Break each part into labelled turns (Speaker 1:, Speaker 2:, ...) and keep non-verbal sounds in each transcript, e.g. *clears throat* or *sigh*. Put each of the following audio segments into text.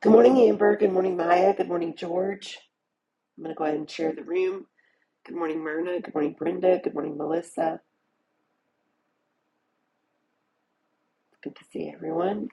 Speaker 1: Good morning, Amber. Good morning, Maya. Good morning, George. I'm going to go ahead and share the room. Good morning, Myrna. Good morning, Brenda. Good morning, Melissa. Good to see everyone.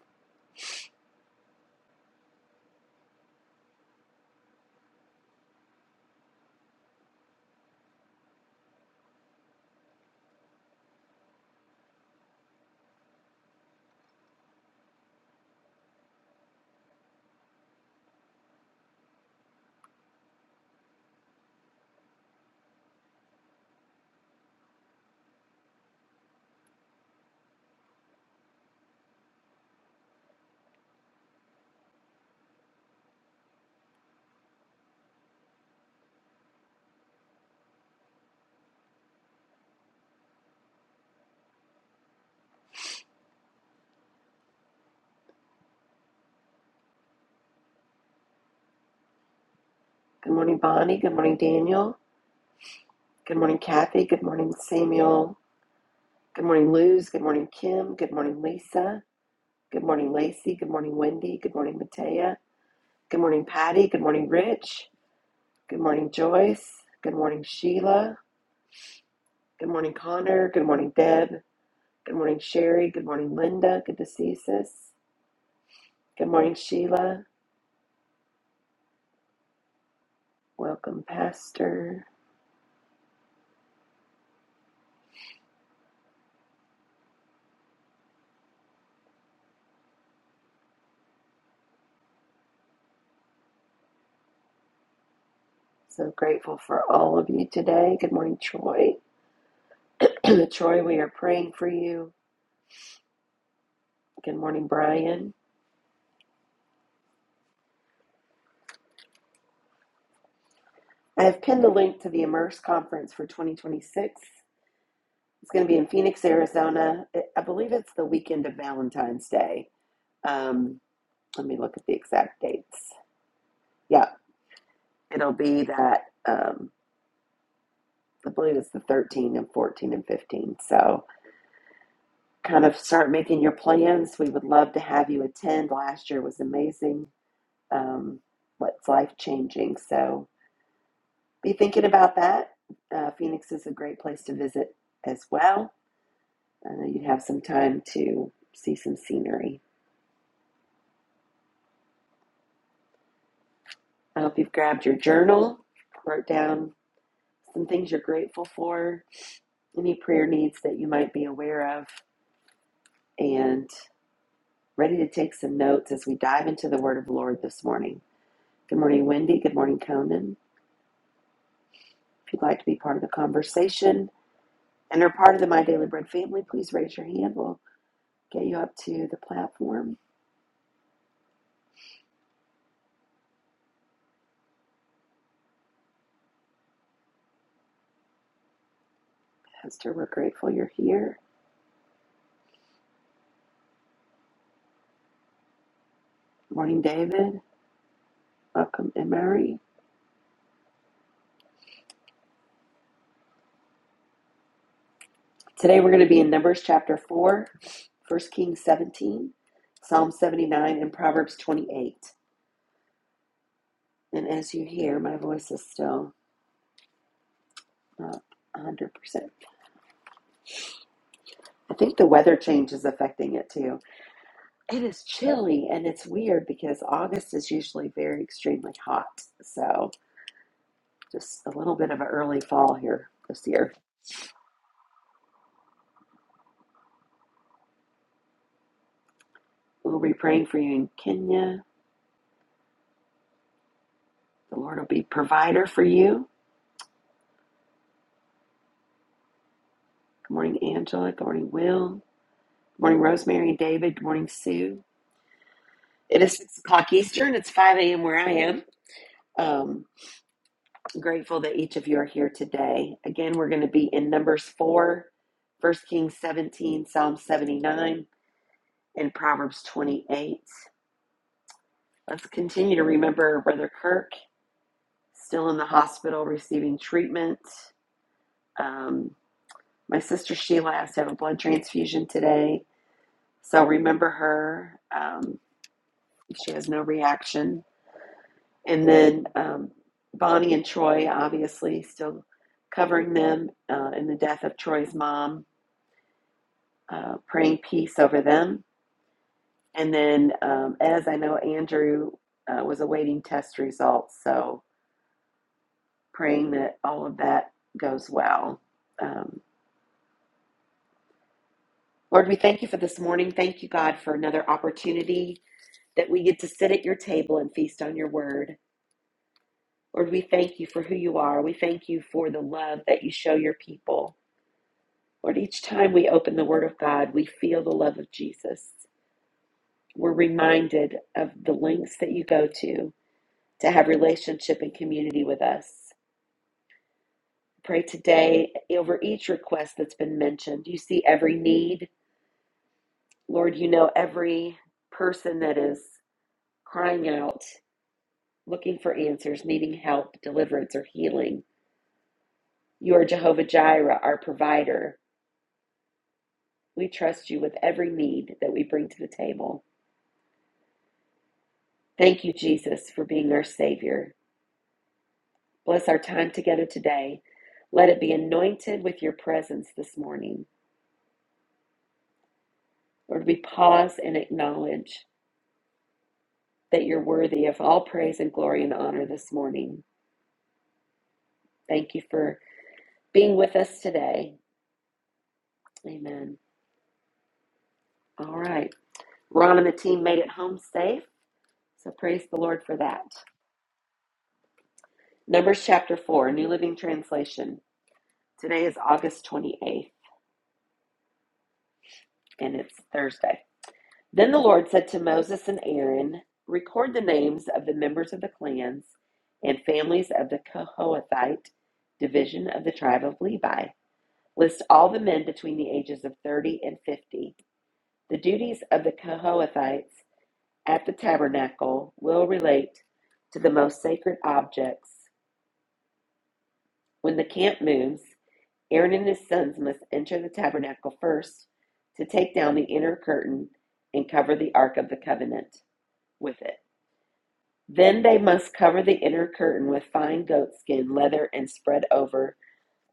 Speaker 1: Good morning, Bonnie. Good morning, Daniel. Good morning, Kathy. Good morning, Samuel. Good morning, Luz. Good morning, Kim. Good morning, Lisa. Good morning, Lacey. Good morning, Wendy. Good morning, Matea. Good morning, Patty. Good morning, Rich. Good morning, Joyce. Good morning, Sheila. Good morning, Connor. Good morning, Deb. Good morning, Sherry. Good morning, Linda. Good to see you, sis. Good morning, Sheila. Welcome, Pastor. So grateful for all of you today. Good morning, Troy. *clears throat* Troy, we are praying for you. Good morning, Brian. I have pinned the link to the Immerse conference for 2026. It's going to be in Phoenix, Arizona. I believe it's the weekend of Valentine's Day. Um, let me look at the exact dates. Yeah, it'll be that. Um, I believe it's the 13 and 14 and 15. So kind of start making your plans. We would love to have you attend. Last year was amazing. Um, what's life changing? So be thinking about that. Uh, Phoenix is a great place to visit as well. I know you'd have some time to see some scenery. I hope you've grabbed your journal, wrote down some things you're grateful for, any prayer needs that you might be aware of, and ready to take some notes as we dive into the Word of the Lord this morning. Good morning, Wendy. Good morning, Conan. If you'd like to be part of the conversation and are part of the My Daily Bread family, please raise your hand. We'll get you up to the platform. Hester, we're grateful you're here. Good morning, David. Welcome, Emery. Today we're going to be in Numbers chapter 4, First Kings 17, Psalm 79, and Proverbs 28. And as you hear, my voice is still not 100%. I think the weather change is affecting it too. It is chilly and it's weird because August is usually very extremely hot. So Just a little bit of an early fall here this year. We'll be praying for you in Kenya. The Lord will be provider for you. Good morning, Angela. Good morning, Will. Good morning, Rosemary and David. Good morning, Sue. It is 6 o'clock Eastern. It's 5 a.m. where I am. Um, I'm grateful that each of you are here today. Again, we're going to be in Numbers 4, First Kings 17, Psalm 79, and Proverbs 28. Let's continue to remember Brother Kirk, still in the hospital receiving treatment. Um, my sister Sheila has to have a blood transfusion today, so remember her. Um, she has no reaction. And then um, Bonnie and Troy, obviously, still covering them uh, in the death of Troy's mom, uh, praying peace over them. And then, um, as I know, Andrew uh, was awaiting test results, so praying that all of that goes well. Um, Lord, we thank you for this morning. Thank you, God, for another opportunity that we get to sit at your table and feast on your word. Lord, we thank you for who you are. We thank you for the love that you show your people. Lord, each time we open the word of God, we feel the love of Jesus. We're reminded of the lengths that you go to to have relationship and community with us. Pray today over each request that's been mentioned. You see every need. Lord, you know every person that is crying out, looking for answers, needing help, deliverance, or healing. You are Jehovah Jireh, our provider. We trust you with every need that we bring to the table. Thank you, Jesus, for being our Savior. Bless our time together today. Let it be anointed with your presence this morning. Lord, we pause and acknowledge that you're worthy of all praise and glory and honor this morning. Thank you for being with us today. Amen. All right. Ron and the team made it home safe, so praise the Lord for that. Numbers chapter 4, New Living Translation. Today is August 28th, and it's Thursday. Then the Lord said to Moses and Aaron, Record the names of the members of the clans and families of the Kohathite division of the tribe of Levi. List all the men between the ages of 30 and 50. The duties of the Kohathites at the tabernacle will relate to the most sacred objects. When the camp moves, Aaron and his sons must enter the tabernacle first to take down the inner curtain and cover the Ark of the Covenant with it. Then they must cover the inner curtain with fine goatskin leather and spread over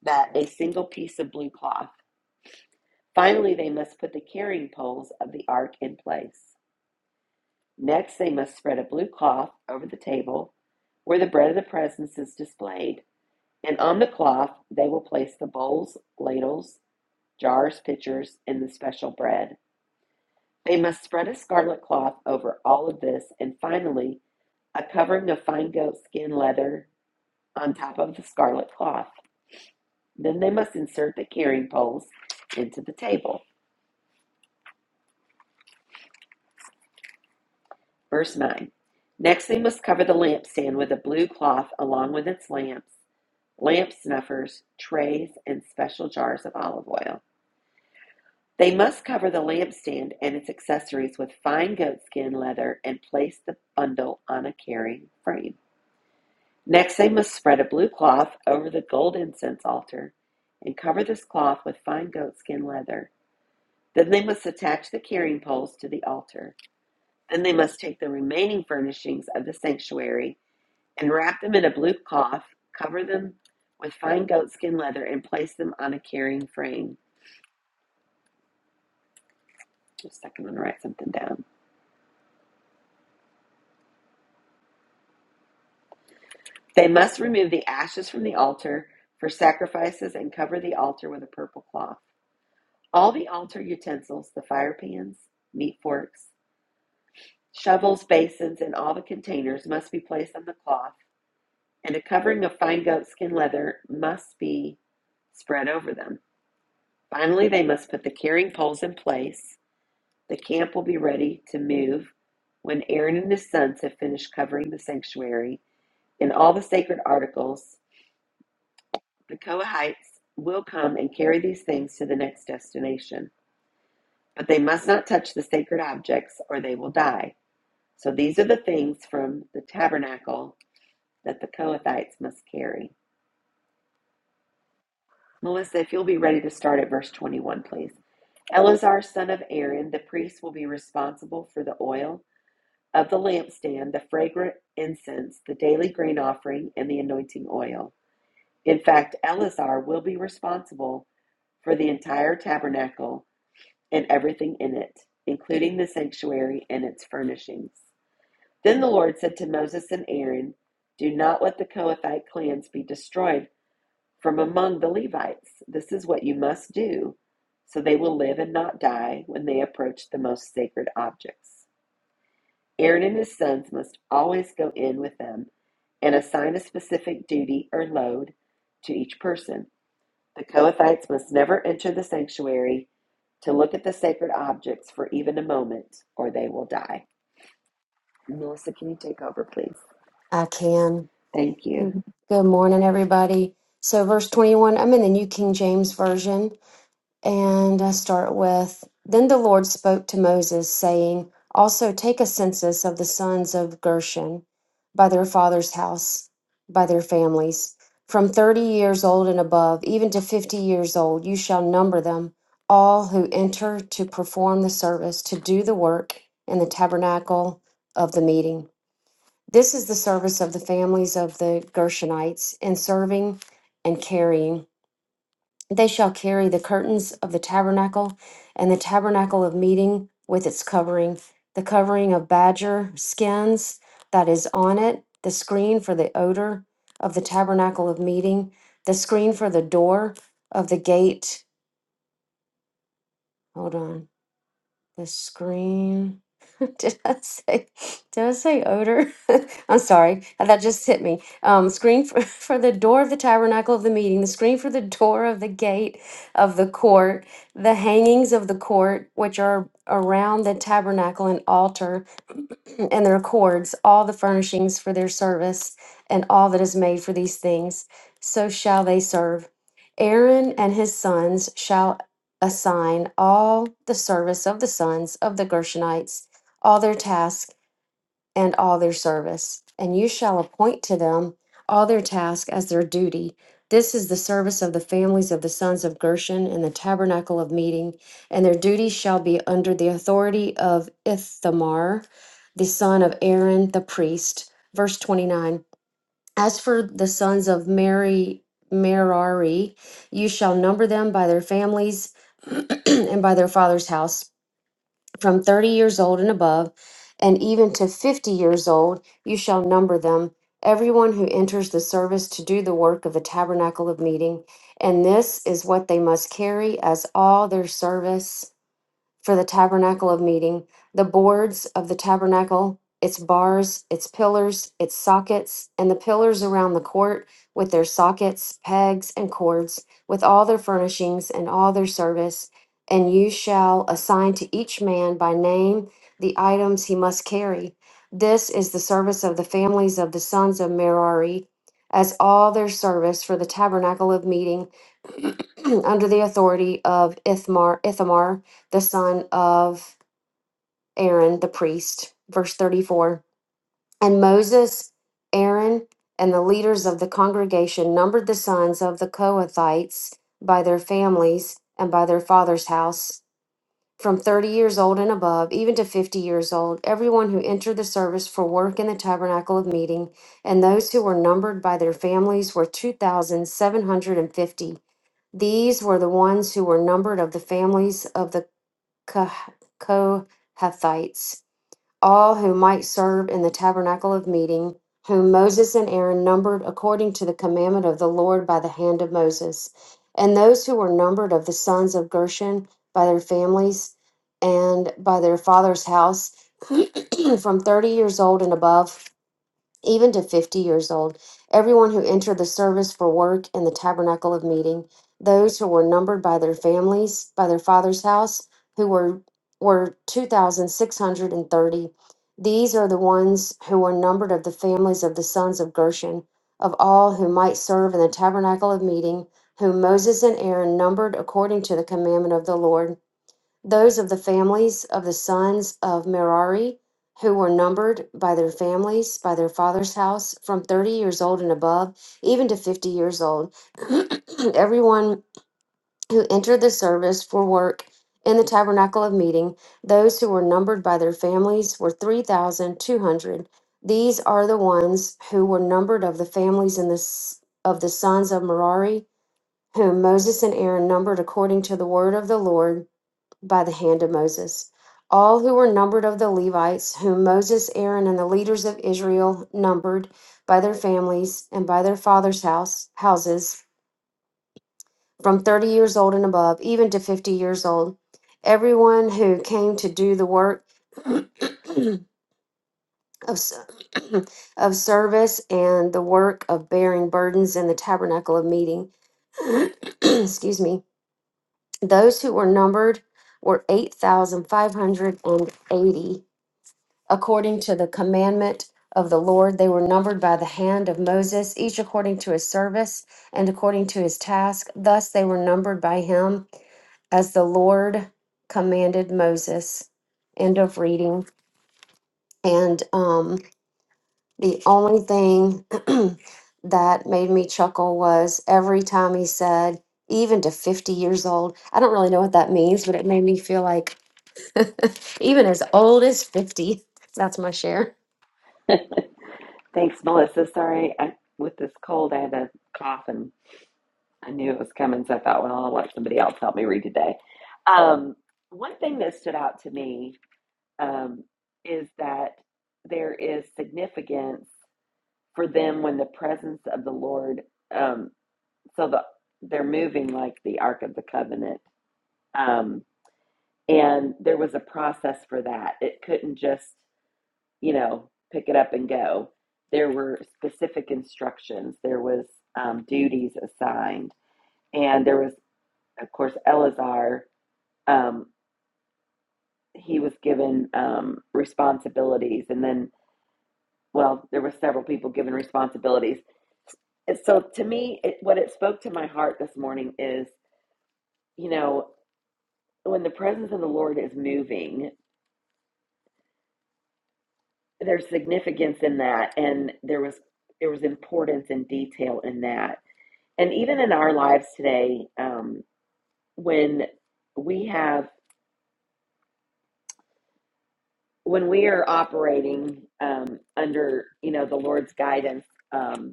Speaker 1: that a single piece of blue cloth. Finally, they must put the carrying poles of the ark in place. Next, they must spread a blue cloth over the table where the bread of the presence is displayed, and on the cloth they will place the bowls, ladles, jars, pitchers, and the special bread. They must spread a scarlet cloth over all of this, and finally, a covering of fine goat skin leather on top of the scarlet cloth. Then they must insert the carrying poles into the table. Verse 9. Next, they must cover the lampstand with a blue cloth along with its lamps, lamp snuffers, trays, and special jars of olive oil. They must cover the lampstand and its accessories with fine goatskin leather and place the bundle on a carrying frame. Next, they must spread a blue cloth over the gold incense altar and cover this cloth with fine goatskin leather. Then they must attach the carrying poles to the altar. Then they must take the remaining furnishings of the sanctuary and wrap them in a blue cloth, cover them with fine goatskin leather, and place them on a carrying frame. Just a second, I'm going to write something down. They must remove the ashes from the altar for sacrifices and cover the altar with a purple cloth. All the altar utensils, the fire pans, meat forks, shovels, basins, and all the containers must be placed on the cloth, and a covering of fine goatskin leather must be spread over them. Finally, they must put the carrying poles in place. The camp will be ready to move when Aaron and his sons have finished covering the sanctuary and all the sacred articles The Kohathites will come and carry these things to the next destination, but they must not touch the sacred objects or they will die. So these are the things from the tabernacle that the Kohathites must carry. Melissa, if you'll be ready to start at verse 21, please. Eleazar, son of Aaron, the priest, will be responsible for the oil of the lampstand, the fragrant incense, the daily grain offering, and the anointing oil. In fact, Eleazar will be responsible for the entire tabernacle and everything in it, including the sanctuary and its furnishings. Then the Lord said to Moses and Aaron, Do not let the Kohathite clans be destroyed from among the Levites. This is what you must do, so they will live and not die when they approach the most sacred objects. Aaron and his sons must always go in with them and assign a specific duty or load to each person. The Kohathites must never enter the sanctuary to look at the sacred objects for even a moment, or they will die. Melissa, can you take over, please?
Speaker 2: I can.
Speaker 1: Thank you.
Speaker 2: Mhm. Good morning, everybody. So, verse 21, I'm in the New King James Version, and I start with Then the Lord spoke to Moses, saying, Also take a census of the sons of Gershon by their father's house, by their families, from 30 years old and above, even to 50 years old, you shall number them, all who enter to perform the service, to do the work in the tabernacle of the meeting. This is the service of the families of the Gershonites in serving and carrying. They shall carry the curtains of the tabernacle and the tabernacle of meeting with its covering, the covering of badger skins that is on it, the screen for the odor of the tabernacle of meeting, the screen for the door of the gate. Hold on The screen. *laughs* Did I say? Did I say odor? *laughs* I'm sorry. That just hit me. Um, screen for, *laughs* for the door of the tabernacle of the meeting. The screen for the door of the gate of the court. The hangings of the court, which are around the tabernacle and altar and their cords, all the furnishings for their service, and all that is made for these things, so shall they serve. Aaron and his sons shall assign all the service of the sons of the Gershonites, all their tasks and all their service. And you shall appoint to them all their task as their duty. This is the service of the families of the sons of Gershon in the tabernacle of meeting, and their duty shall be under the authority of Ithamar, the son of Aaron the priest. Verse 29 As for the sons of Mary, Merari, you shall number them by their families *clears throat* and by their father's house from 30 years old and above, and even to 50 years old, you shall number them, everyone who enters the service to do the work of the tabernacle of meeting. And this is what they must carry as all their service for the tabernacle of meeting, the boards of the tabernacle, its bars, its pillars, its sockets, and the pillars around the court with their sockets, pegs, and cords, with all their furnishings and all their service. And you shall assign to each man by name the items he must carry. This is the service of the families of the sons of Merari, as all their service for the tabernacle of meeting *clears throat* under the authority of Ithmar, Ithamar the son of Aaron the priest. Verse 34 And Moses, Aaron, and the leaders of the congregation numbered the sons of the Kohathites by their families and by their father's house, from 30 years old and above, even to 50 years old, everyone who entered the service for work in the tabernacle of meeting, and those who were numbered by their families were 2,750. These were the ones who were numbered of the families of the Kah- Kohathites, all who might serve in the tabernacle of meeting, whom Moses and Aaron numbered according to the commandment of the Lord by the hand of Moses, and those who were numbered of the sons of Gershon by their families and by their father's house, *clears throat* from thirty years old and above even to 50 years old, everyone who entered the service for work in the tabernacle of meeting, those who were numbered by their families, by their father's house, who were were 2630. These are the ones who were numbered of the families of the sons of Gershon, of all who might serve in the tabernacle of meeting, whom Moses and Aaron numbered according to the commandment of the Lord. Those of the families of the sons of Merari who were numbered by their families, by their father's house, from 30 years old and above, even to 50 years old, *clears throat* everyone who entered the service for work in the tabernacle of meeting, those who were numbered by their families were 3,200. These are the ones who were numbered of the families in the, s- of the sons of Merari, whom Moses and Aaron numbered according to the word of the Lord by the hand of Moses. All who were numbered of the Levites, whom Moses, Aaron, and the leaders of Israel numbered by their families and by their fathers' house, houses, from 30 years old and above, even to 50 years old, everyone who came to do the work *clears throat* of, s- *clears throat* of service and the work of bearing burdens in the tabernacle of meeting, *clears throat* excuse me, those who were numbered were 8,580 according to the commandment of the Lord. They were numbered by the hand of Moses, each according to his service and according to his task. Thus they were numbered by him as the Lord commanded Moses. End of reading. And um, the only thing *clears throat* that made me chuckle was every time he said, even to 50 years old. I don't really know what that means, but it made me feel like *laughs* even as old as 50. That's my share.
Speaker 1: *laughs* Thanks, Melissa. Sorry, I, with this cold, I had a cough and I knew it was coming, so I thought, well, I'll let somebody else help me read today. Um, one thing that stood out to me um, is that there is significance for them when the presence of the Lord. um, so the they're moving like the ark of the covenant um and there was a process for that it couldn't just you know pick it up and go there were specific instructions there was um, duties assigned and there was of course eleazar um, he was given um, responsibilities and then well there were several people given responsibilities and so to me it, what it spoke to my heart this morning is you know when the presence of the Lord is moving, there's significance in that, and there was there was importance and detail in that, and even in our lives today, um, when we have when we are operating um, under you know the Lord's guidance, um,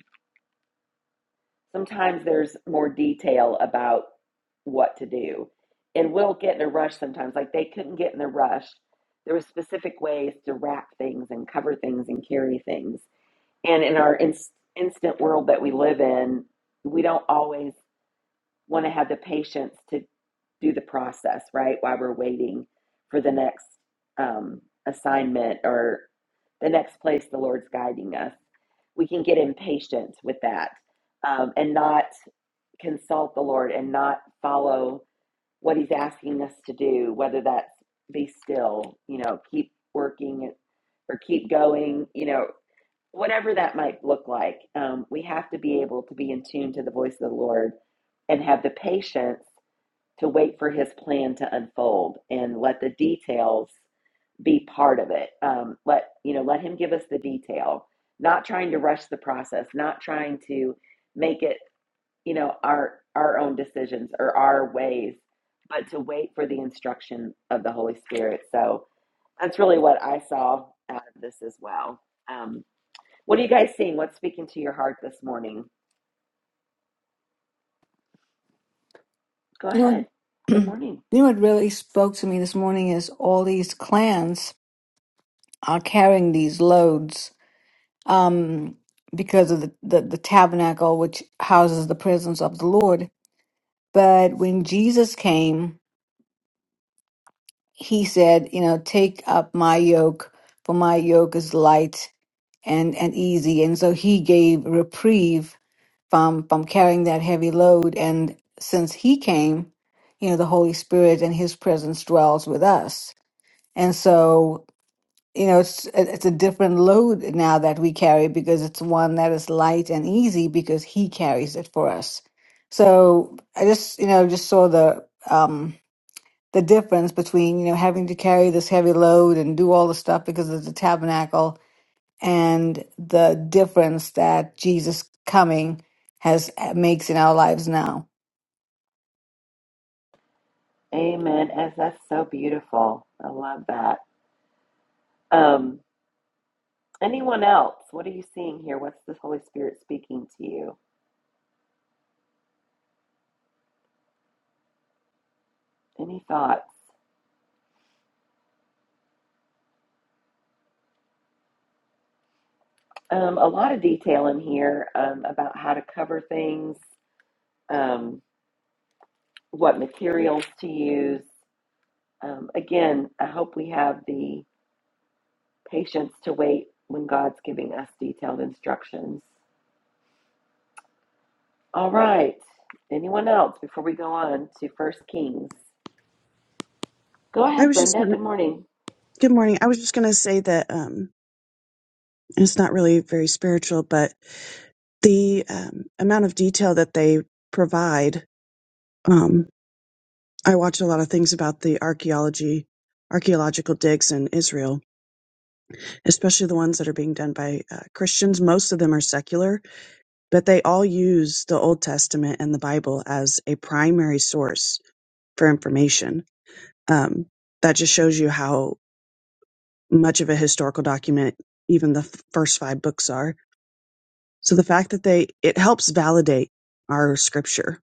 Speaker 1: sometimes there's more detail about what to do, and we'll get in a rush sometimes. Like they couldn't get in a rush. There were specific ways to wrap things and cover things and carry things And in our in- instant world that we live in, we don't always want to have the patience to do the process, right? While we're waiting for the next um, assignment or the next place the Lord's guiding us. We can get impatient with that um, and not consult the Lord and not follow what He's asking us to do, whether that's be still, you know, keep working or keep going, you know, whatever that might look like, um, we have to be able to be in tune to the voice of the Lord and have the patience to wait for His plan to unfold and let the details be part of it. Um, let you know, let Him give us the detail. Not trying to rush the process, not trying to make it you know our our own decisions or our ways, but to wait for the instruction of the Holy Spirit. So that's really what I saw out of this as well. Um, what are you guys seeing? What's speaking to your heart this morning? Go
Speaker 3: You know,
Speaker 1: ahead.
Speaker 3: *clears throat*
Speaker 1: Good
Speaker 3: you
Speaker 1: morning.
Speaker 3: know what really spoke to me this morning is all these clans are carrying these loads um, because of the, the, the tabernacle, which houses the presence of the Lord. But when Jesus came, he said, you know, take up my yoke, for my yoke is light and, and easy. And so he gave reprieve from, from carrying that heavy load. And since he came, you know, the Holy Spirit and his presence dwells with us And so, you know, it's it- it's a different load now that we carry because it's one that is light and easy because he carries it for us. So I just, you know, just saw the um the difference between, you know, having to carry this heavy load and do all the stuff because of the tabernacle and the difference that Jesus coming has uh, makes in our lives now.
Speaker 1: Amen. As that's so beautiful. I love that. Um, anyone else? What are you seeing here? What's the Holy Spirit speaking to you? Any thoughts? Um, a lot of detail in here um, about how to cover things, um, what materials to use. Um, again, I hope we have the patience to wait when God's giving us detailed instructions. All right. Anyone else before we go on to First Kings? Go
Speaker 4: I
Speaker 1: ahead,
Speaker 4: was just
Speaker 1: Brenda.
Speaker 4: gonna,
Speaker 1: Good morning.
Speaker 4: good morning. I was just gonna say that um, it's not really very spiritual, but the um, amount of detail that they provide. Um, I watch a lot of things about the archaeology, archaeological digs in Israel, especially the ones that are being done by uh, Christians. Most of them are secular, but they all use the Old Testament and the Bible as a primary source for information. Um, that just shows you how much of a historical document even the f- first five books are So the fact that they, it helps validate our scripture.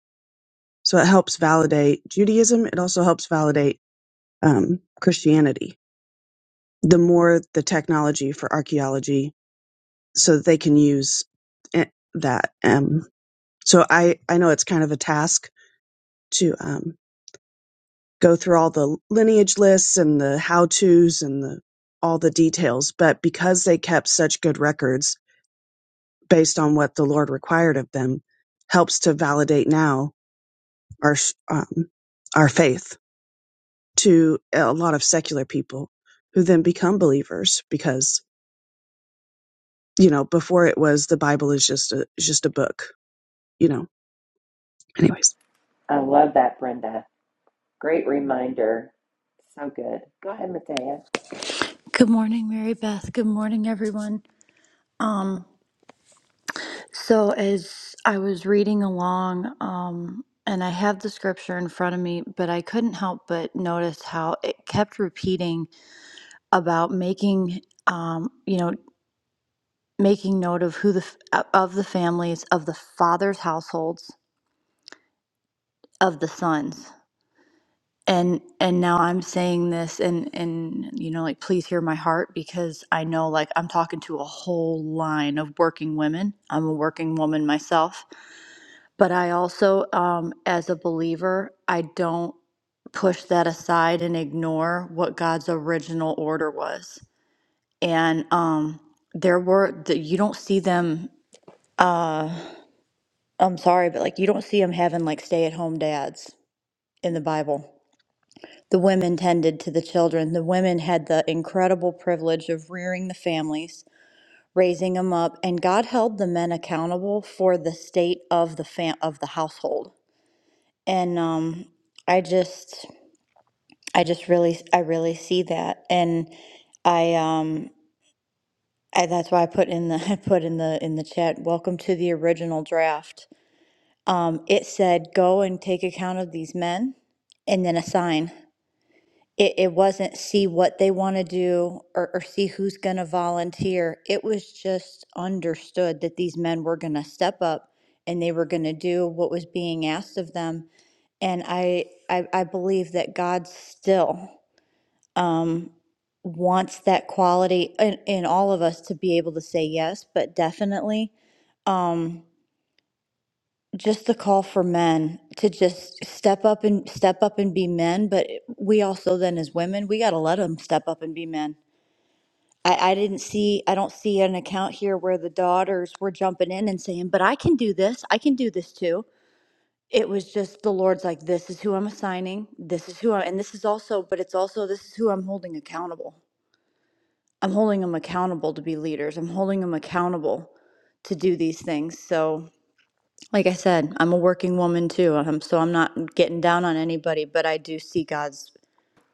Speaker 4: So it helps validate Judaism. It also helps validate um, Christianity. The more the technology for archaeology so that they can use it, that. Um, so I, I know it's kind of a task to um, go through all the lineage lists and the how to's and the, all the details, but because they kept such good records based on what the Lord required of them, helps to validate now our um, our faith to a lot of secular people who then become believers because you know before it was the bible is just a just a book you know anyways
Speaker 1: I love that, Brenda. Great reminder. So good. Go ahead, Matea.
Speaker 5: Good morning, Mary Beth. Good morning, everyone. Um, so as I was reading along, um, and I have the scripture in front of me, but I couldn't help but notice how it kept repeating about making, um, you know, making note of who the f- of the families of the fathers' households of the sons. and and now i'm saying this and and you know like please hear my heart because i know like i'm talking to a whole line of working women i'm a working woman myself but i also um as a believer i don't push that aside and ignore what god's original order was and um there were the, you don't see them uh i'm sorry but like you don't see them having like stay at home dads in the bible The women tended to the children. The women had the incredible privilege of rearing the families, raising them up, and God held the men accountable for the state of the fam- of the household. And um, I just, I just really, I really see that, and I, um, I that's why I put in the, *laughs* I put in the in the chat. Welcome to the original draft. Um, it said, "Go and take account of these men." and then assign. It, it wasn't see what they want to do or, or see who's going to volunteer. It was just understood that these men were going to step up and they were going to do what was being asked of them. And I, I, I believe that God still um, wants that quality in, in all of us to be able to say yes, but definitely um, just the call for men to just step up and step up and be men. But we also then as women, we got to let them step up and be men I, I didn't see, I don't see an account here where the daughters were jumping in and saying, but I can do this. I can do this too. It was just the Lord's like, this is who I'm assigning. This is who I, and this is also, but it's also, this is who I'm holding accountable. I'm holding them accountable to be leaders. I'm holding them accountable to do these things. So, like I said, I'm a working woman too. Um, so I'm not getting down on anybody, but I do see God's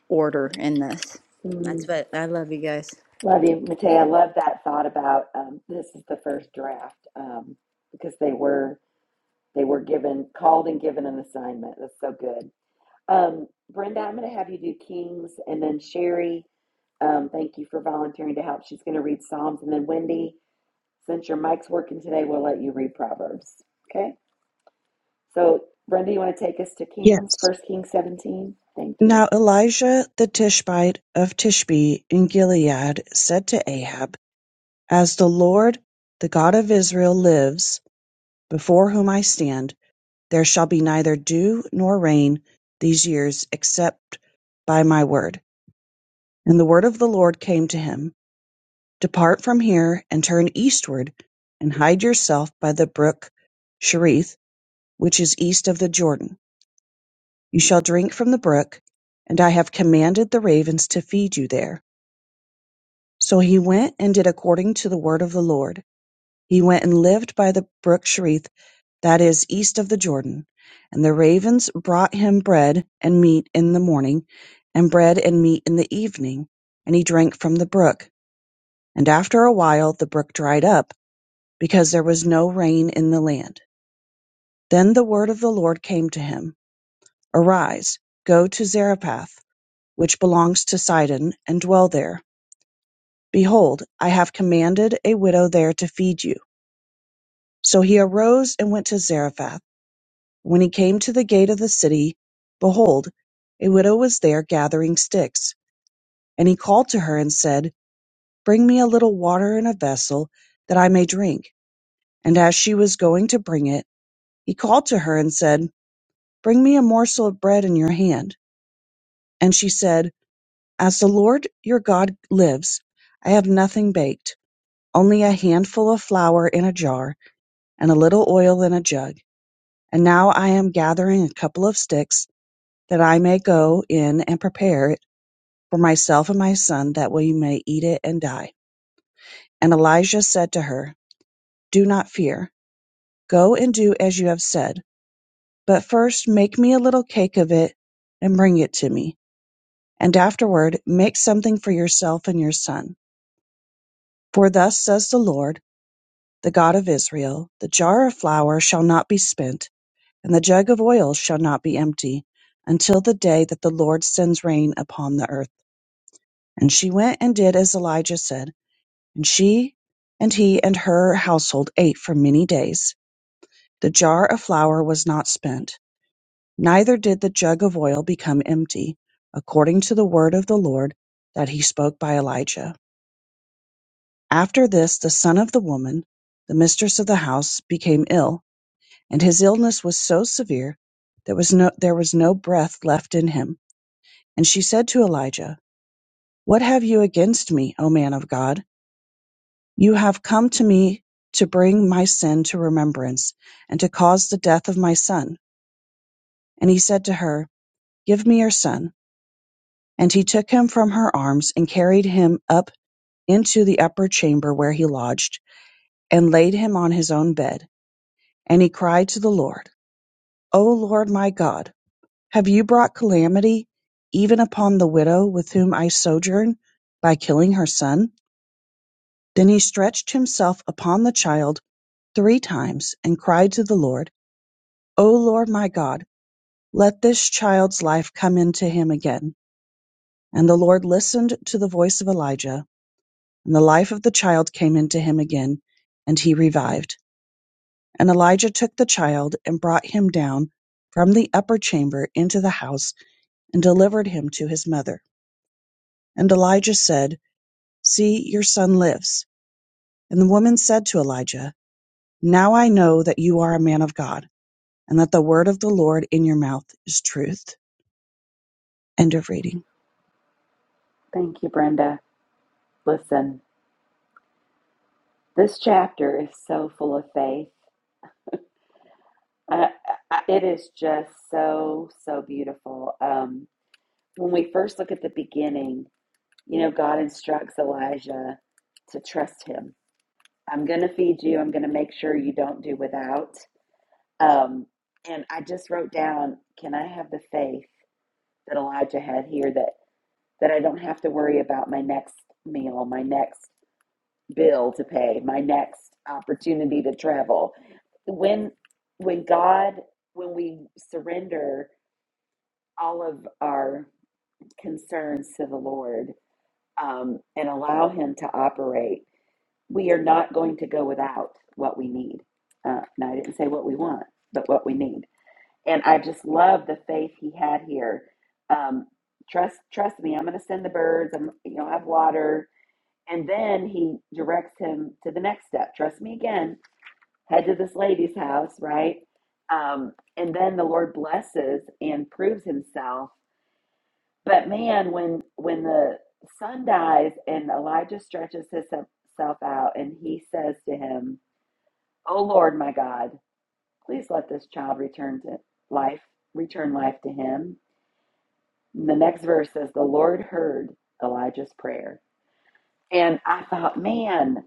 Speaker 5: order in this. That's
Speaker 1: Mm,
Speaker 5: what I love you guys.
Speaker 1: Love you, Matea. I Love that thought about um, this is the first draft um, because they were they were given called and given an assignment. That's so good. Um, Brenda, I'm going to have you do Kings, and then Sherry. Um, thank you for volunteering to help. She's going to read Psalms, and then Wendy. Since your mic's working today, we'll let you read Proverbs. Okay? So, Brenda, you want to take us to Kings,
Speaker 4: yes
Speaker 1: First Kings 17? Thank you.
Speaker 4: now elijah the tishbite of tishbe in gilead said to ahab As the Lord, the God of Israel, lives, before whom I stand, there shall be neither dew nor rain these years, except by my word. And the word of the Lord came to him Depart from here and turn eastward, and hide yourself by the brook Cherith, which is east of the Jordan. You shall drink from the brook, and I have commanded the ravens to feed you there. So he went and did according to the word of the Lord. He went and lived by the brook Cherith that is, east of the Jordan. And the ravens brought him bread and meat in the morning, and bread and meat in the evening, and he drank from the brook. And after a while the brook dried up, because there was no rain in the land. Then the word of the Lord came to him Arise, go to Zarephath, which belongs to Sidon, and dwell there. Behold, I have commanded a widow there to feed you. So he arose and went to Zarephath. When he came to the gate of the city, behold, a widow was there gathering sticks. And he called to her and said, Bring me a little water in a vessel, that I may drink. And as she was going to bring it, he called to her and said, Bring me a morsel of bread in your hand. And she said, As the Lord your God lives, I have nothing baked, only a handful of flour in a jar, and a little oil in a jug. And now I am gathering a couple of sticks, that I may go in and prepare for myself and my son, that we may eat it and die. And Elijah said to her, Do not fear. Go and do as you have said. But first make me a little cake of it and bring it to me. And afterward make something for yourself and your son. For thus says the Lord, the God of Israel, the jar of flour shall not be spent, and the jug of oil shall not be empty, until the day that the Lord sends rain upon the earth. And she went and did as Elijah said. And she and he and her household ate for many days. The jar of flour was not spent, neither did the jug of oil become empty, according to the word of the Lord that he spoke by Elijah. After this, the son of the woman, the mistress of the house, became ill, and his illness was so severe that was no, there was no breath left in him. And she said to Elijah, What have you against me, O man of God? You have come to me to bring my sin to remembrance, and to cause the death of my son. And he said to her, Give me your son. And he took him from her arms and carried him up into the upper chamber where he lodged, and laid him on his own bed. And he cried to the Lord, O Lord my God, have you brought calamity even upon the widow with whom I sojourn by killing her son? Then he stretched himself upon the child three times and cried to the Lord. O Lord my God, let this child's life come into him again. And the Lord listened to the voice of Elijah, and the life of the child came into him again, and he revived. And Elijah took the child and brought him down from the upper chamber into the house and delivered him to his mother. And Elijah said, See, your son lives. And the woman said to Elijah, Now I know that you are a man of God, and that the word of the Lord in your mouth is truth. End of reading.
Speaker 1: Thank you, Brenda. Listen, this chapter is so full of faith. I, I, it is just so, so beautiful. Um, when we first look at the beginning, you know, God instructs Elijah to trust him. I'm going to feed you. I'm going to make sure you don't do without. Um, and I just wrote down, can I have the faith that Elijah had here that that I don't have to worry about my next meal, my next bill to pay, my next opportunity to travel. When when God when we surrender all of our concerns to the Lord um, and allow Him to operate, we are not going to go without what we need. Uh, now, I didn't say what we want, but what we need. and I just love the faith he had here. Um, trust, trust me, I'm going to send the birds. I'm, you know, have water, and then he directs him to the next step. Trust me again. Head to this lady's house, right? Um, and then the Lord blesses and proves Himself. But man, when when the son dies and Elijah stretches himself out and he says to him, "Oh Lord, my God, please let this child return to life, return life to him." The next verse says, The Lord heard Elijah's prayer. And I thought, man,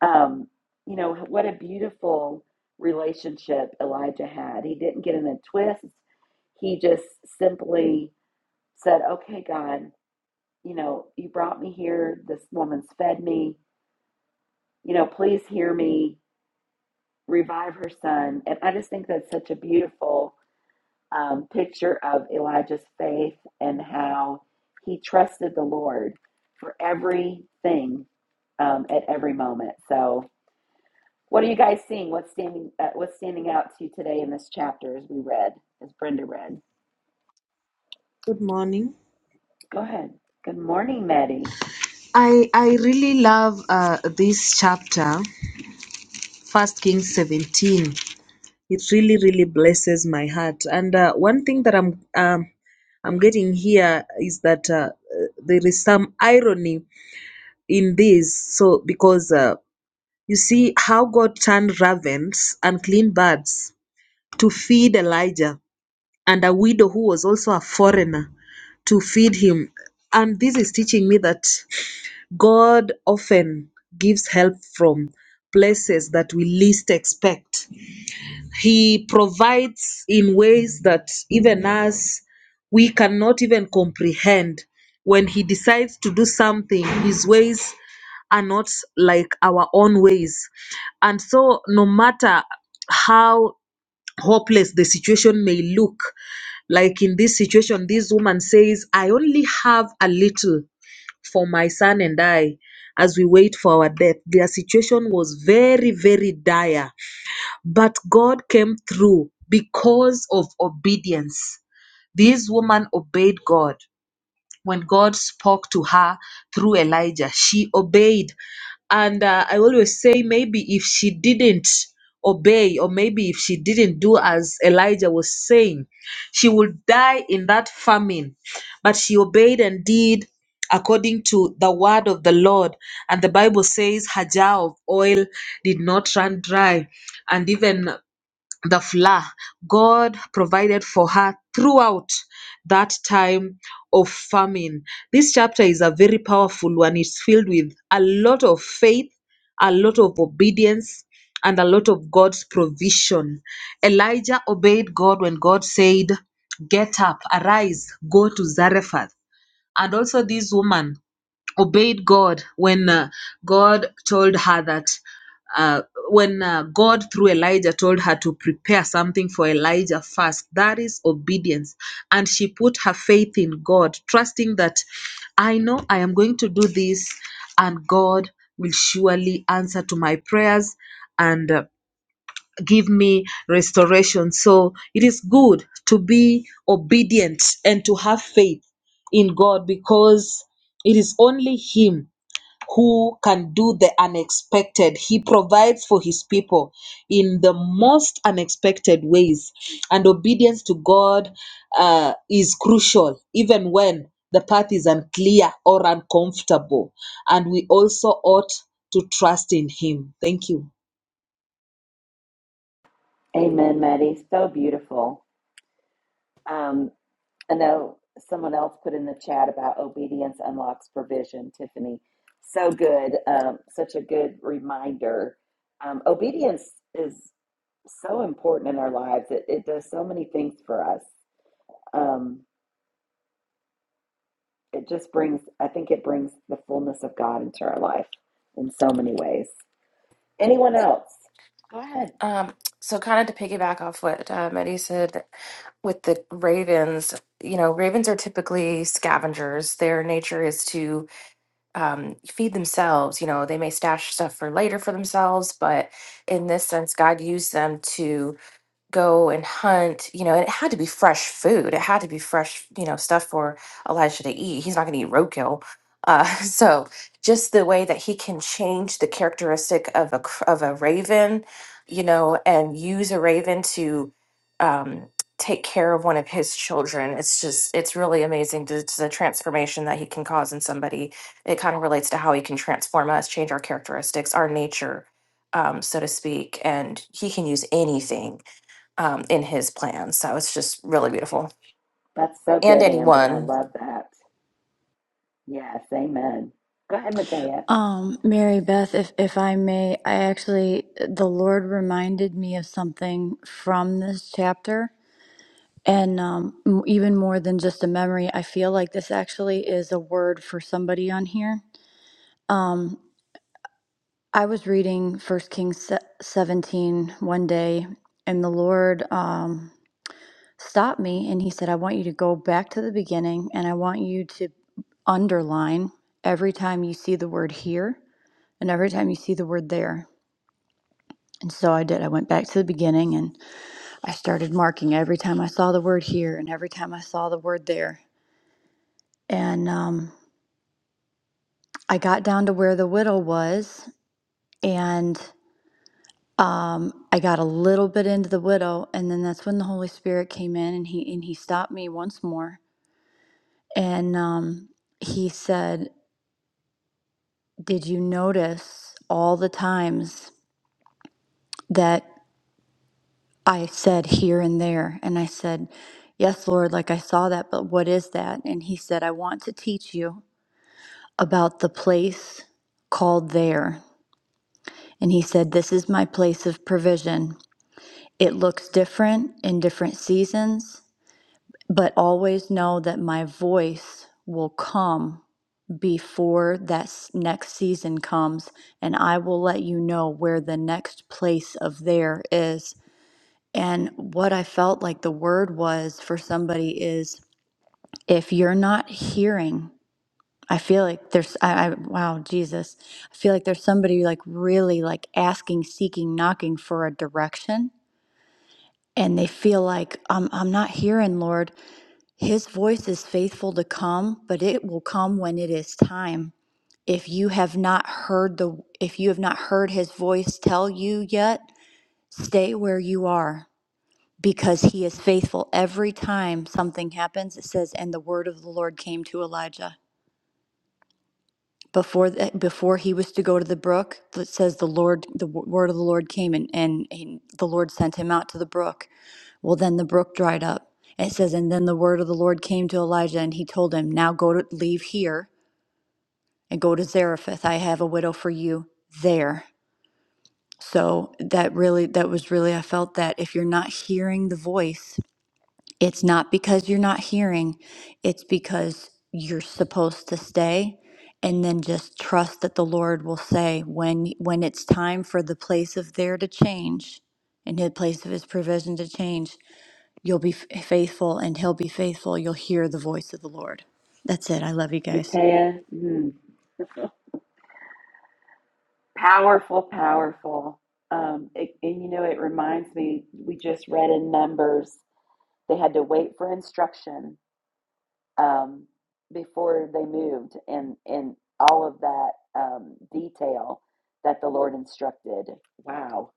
Speaker 1: um, you know, what a beautiful relationship Elijah had. He didn't get in a twist. He just simply said, Okay, God, you know, you brought me here. This woman's fed me. You know, please hear me, revive her son. And I just think that's such a beautiful um, picture of Elijah's faith and how he trusted the Lord for everything um, at every moment. So, what are you guys seeing? What's standing uh, What's standing out to you today in this chapter as we read, as Brenda read?
Speaker 6: Good morning.
Speaker 1: Go ahead. Good morning, Maddie.
Speaker 6: I I really love uh, this chapter, First Kings seventeen. It really really blesses my heart. And uh, one thing that I'm um, I'm getting here is that uh, uh, there is some irony in this. So because uh, you see how God turned ravens and clean birds to feed Elijah and a widow who was also a foreigner to feed him. And this is teaching me that. God often gives help from places that we least expect. He provides in ways that even us, we cannot even comprehend. When He decides to do something, His ways are not like our own ways. And so, no matter how hopeless the situation may look, like in this situation, this woman says, I only have a little for my son and I as we wait for our death. Their situation was very, very dire, but God came through because of obedience. These women obeyed God when God spoke to her through Elijah, she obeyed. And uh, I always say, maybe if she didn't obey, or maybe if she didn't do as Elijah was saying, she would die in that famine. But she obeyed and did according to the word of the Lord. And the Bible says her jar of oil did not run dry. And even the flour God provided for her throughout that time of famine. This chapter is a very powerful one. It's filled with a lot of faith, a lot of obedience, and a lot of God's provision. Elijah obeyed God when God said, Get up, arise, go to Zarephath. And also, this woman obeyed God when uh, God told her that uh, when uh, God through Elijah told her to prepare something for Elijah first, that is obedience. And she put her faith in God, trusting that I know I am going to do this and God will surely answer to my prayers and uh, give me restoration. So it is good to be obedient and to have faith in God because it is only Him who can do the unexpected. He provides for His people in the most unexpected ways. And obedience to God uh, is crucial, even when the path is unclear or uncomfortable. And we also ought to trust in Him. Thank you.
Speaker 1: Amen, Maddie. So beautiful. Um, I know someone else put in the chat about obedience unlocks provision, Tiffany. So good. Um, such a good reminder. Um, obedience is so important in our lives. It, it does so many things for us. Um, it just brings, I think it brings the fullness of God into our life in so many ways. Anyone else? Go ahead.
Speaker 7: Um, so kind of to piggyback off what uh, Mehdi said with the ravens, you know, ravens are typically scavengers. Their nature is to um, feed themselves. You know, they may stash stuff for later for themselves, but in this sense, God used them to go and hunt, you know, and it had to be fresh food. It had to be fresh, you know, stuff for Elijah to eat. He's not going to eat roadkill. Uh, *laughs* so just the way that he can change the characteristic of a cr- of a raven, you know, and use a raven to um, take care of one of his children. It's just it's really amazing the, the transformation that he can cause in somebody. It kind of relates to how he can transform us, change our characteristics, our nature, um, so to speak, and he can use anything um, in his plan. So it's just really beautiful.
Speaker 1: That's so
Speaker 7: And
Speaker 1: good, Amber. I
Speaker 7: anyone.
Speaker 1: love that. Yes, amen. Go ahead, Matea.
Speaker 5: Um, Mary Beth, if if I may, I actually the Lord reminded me of something from this chapter, and um, m- even more than just a memory, I feel like this actually is a word for somebody on here. Um, I was reading First Kings se- seventeen one day, and the Lord um, stopped me, and He said, "I want you to go back to the beginning, and I want you to underline every time you see the word here, and every time you see the word there." And so I did. I went back to the beginning and I started marking every time I saw the word here and every time I saw the word there. And um, I got down to where the widow was and um, I got a little bit into the widow. And then that's when the Holy Spirit came in and he, and he stopped me once more. And um, he said, Did you notice all the times? that?" I said here and there. And I said, Yes, Lord, like I saw that, but what is that? And he said, I want to teach you about the place called there. And he said, This is my place of provision. It looks different in different seasons, but always know that my voice will come before that s- next season comes, and I will let you know where the next place of there is And what I felt like the word was for somebody is if you're not hearing, I feel like there's, I, I wow, Jesus, I feel like there's somebody like really like asking, seeking, knocking for a direction. And they feel like, I'm, I'm not hearing, Lord. His voice is faithful to come, but it will come when it is time. If you have not heard the, if you have not heard his voice tell you yet, stay where you are because he is faithful every time something happens it says and the word of the lord came to elijah before the, before he was to go to the brook it says the lord the w- word of the lord came and, and and the lord sent him out to the brook well then the brook dried up it says and then the word of the lord came to elijah and he told him now go to leave here and go to zarephath i have a widow for you there so that really that was really i felt that if you're not hearing the voice It's not because you're not hearing, it's because you're supposed to stay and then just trust that the Lord will say when when it's time for the place of there to change and the place of his provision to change, you'll be f- faithful and he'll be faithful. You'll hear the voice of the Lord. That's it. I love you guys.
Speaker 1: Matea. mm. Powerful, powerful. Um, it, and you know, it reminds me, we just read in Numbers, they had to wait for instruction um, before they moved, and, and all of that um, detail that the Lord instructed. Wow.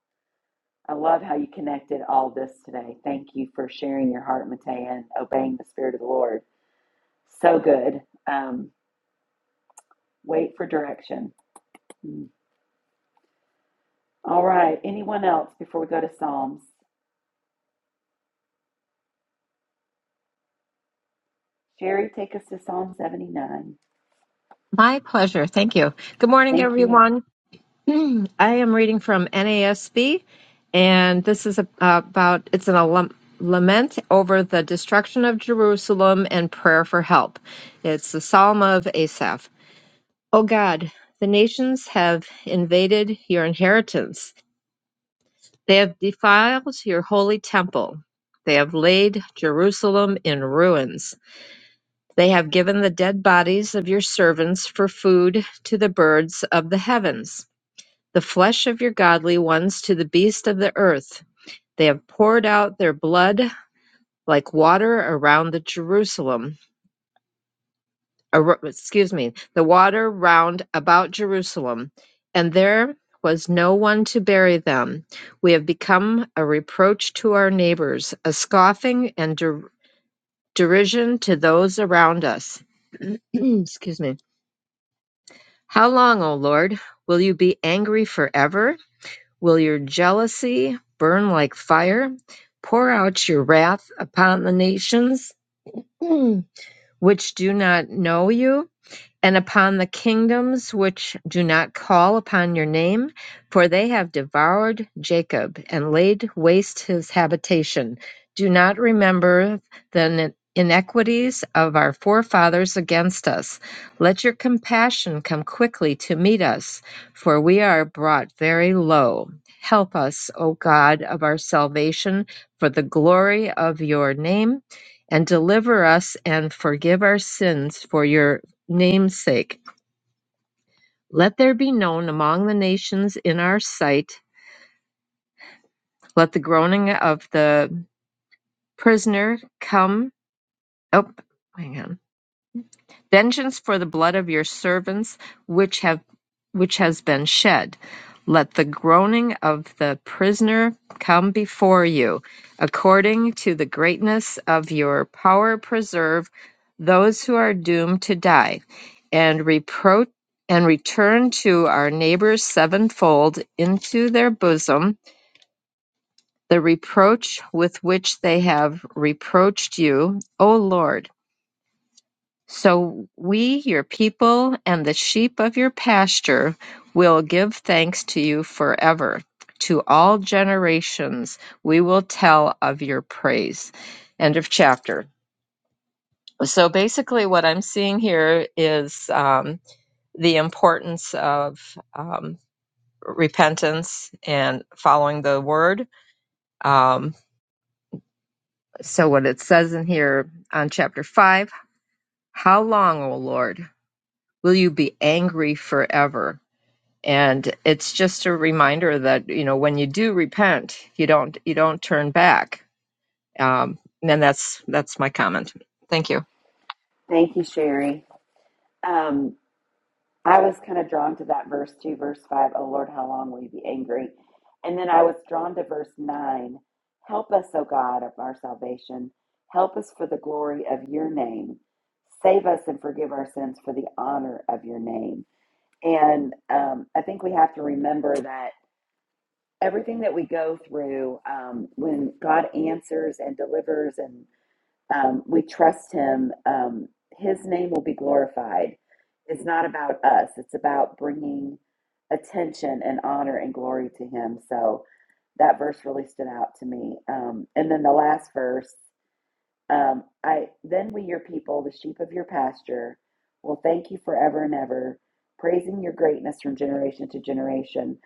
Speaker 1: I love how you connected all this today. Thank you for sharing your heart, Matea, and obeying the Spirit of the Lord. So good. Um, wait for direction. Mm. All right. Anyone else before we go to Psalms? Sherry, take us to Psalm 79.
Speaker 8: My pleasure. Thank you. Good morning,
Speaker 1: Thank you.
Speaker 8: everyone. *clears throat* I am reading from NASB, and this is a- about it's an alum, lament over the destruction of Jerusalem and prayer for help. It's the Psalm of Asaph. O God, the nations have invaded your inheritance. They have defiled your holy temple. They have laid Jerusalem in ruins. They have given the dead bodies of your servants for food to the birds of the heavens, the flesh of your godly ones to the beasts of the earth. They have poured out their blood like water around the Jerusalem, ar- excuse me, the water round about Jerusalem, and there was no one to bury them. We have become a reproach to our neighbors, a scoffing and der- derision to those around us. *clears throat* excuse me. How long, O Lord, will you be angry forever? Will your jealousy burn like fire? Pour out your wrath upon the nations *clears throat* which do not know you? and upon the kingdoms which do not call upon your name, for they have devoured Jacob and laid waste his habitation. Do not remember the iniquities of our forefathers against us. Let your compassion come quickly to meet us, for we are brought very low. Help us, O God of our salvation, for the glory of your name and deliver us and forgive our sins for your namesake. Let there be known among the nations in our sight. Let the groaning of the prisoner come. up. Oh, hang on. vengeance for the blood of your servants which have which has been shed let the groaning of the prisoner come before you according to the greatness of your power preserve those who are doomed to die and reproach and return to our neighbors sevenfold into their bosom the reproach with which they have reproached you, O Lord. So we, your people, and the sheep of your pasture will give thanks to you forever. To all generations we will tell of your praise. End of chapter. So basically, what I'm seeing here is um, the importance of um, repentance and following the word. Um, so, what it says in here on chapter 5 How long, O Lord, will you be angry forever? and it's just a reminder that you know when you do repent you don't you don't turn back um and that's that's my comment thank you
Speaker 1: Thank you, Sherry. Um, I was kind of drawn to that verse 2, verse 5. Oh Lord, how long will you be angry? And then I was drawn to verse 9. Help us, O God of our salvation. Help us for the glory of your name. Save us and forgive our sins for the honor of your name. And um, I think we have to remember that everything that we go through um, when God answers and delivers and Um, we trust him. Um, his name will be glorified. It's not about us, it's about bringing attention and honor and glory to him. So that verse really stood out to me. Um, and then the last verse um, I then we, your people, the sheep of your pasture, will thank you forever and ever, praising your greatness from generation to generation.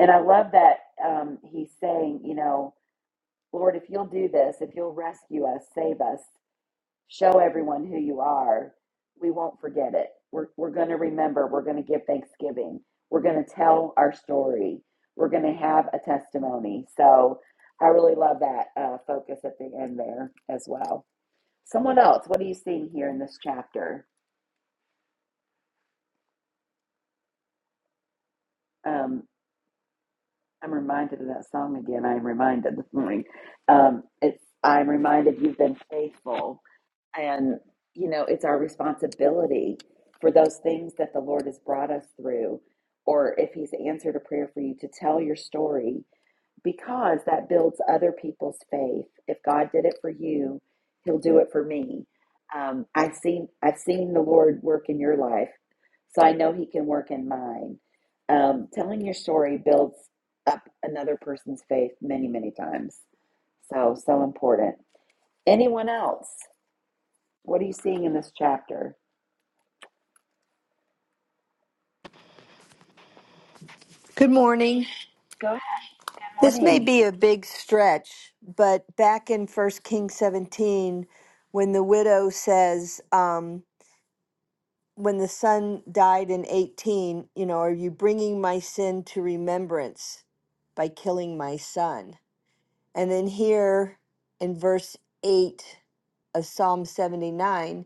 Speaker 1: And I love that um, he's saying, you know, Lord, if you'll do this, if you'll rescue us, save us, show everyone who you are, we won't forget it. We're, we're going to remember. We're going to give thanksgiving. We're going to tell our story. We're going to have a testimony. So I really love that uh, focus at the end there as well. Someone else, what are you seeing here in this chapter? Um, I'm reminded of that song again. I'm reminded *laughs* this morning. Um, it's I'm reminded you've been faithful And, you know, it's our responsibility for those things that the Lord has brought us through, or if He's answered a prayer for you, to tell your story because that builds other people's faith. If God did it for you, He'll do it for me. Um, I've seen I've seen the Lord work in your life, so I know He can work in mine. Um, telling your story builds up another person's faith many, many times. So, so important. Anyone else? What are you seeing in this chapter?
Speaker 9: Good morning.
Speaker 1: Go ahead. Good
Speaker 9: This may
Speaker 1: morning.
Speaker 9: be a big stretch, but back in First Kings 17, when the widow says, um, When the son died in 18, you know, are you bringing my sin to remembrance by killing my son? And then here in verse 8 of Psalm 79,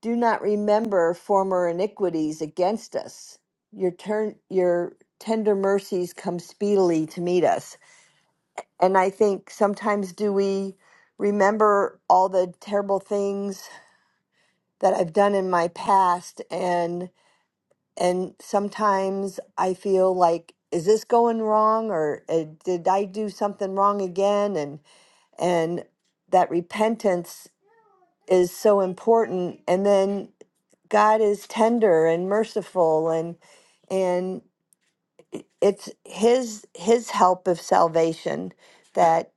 Speaker 9: do not remember former iniquities against us. Your, turn, your tender mercies come speedily to meet us And I think sometimes do we remember all the terrible things that I've done in my past and and sometimes I feel like is this going wrong or uh, did I do something wrong again and and that repentance is so important and then God is tender and merciful and and it's his his help of salvation that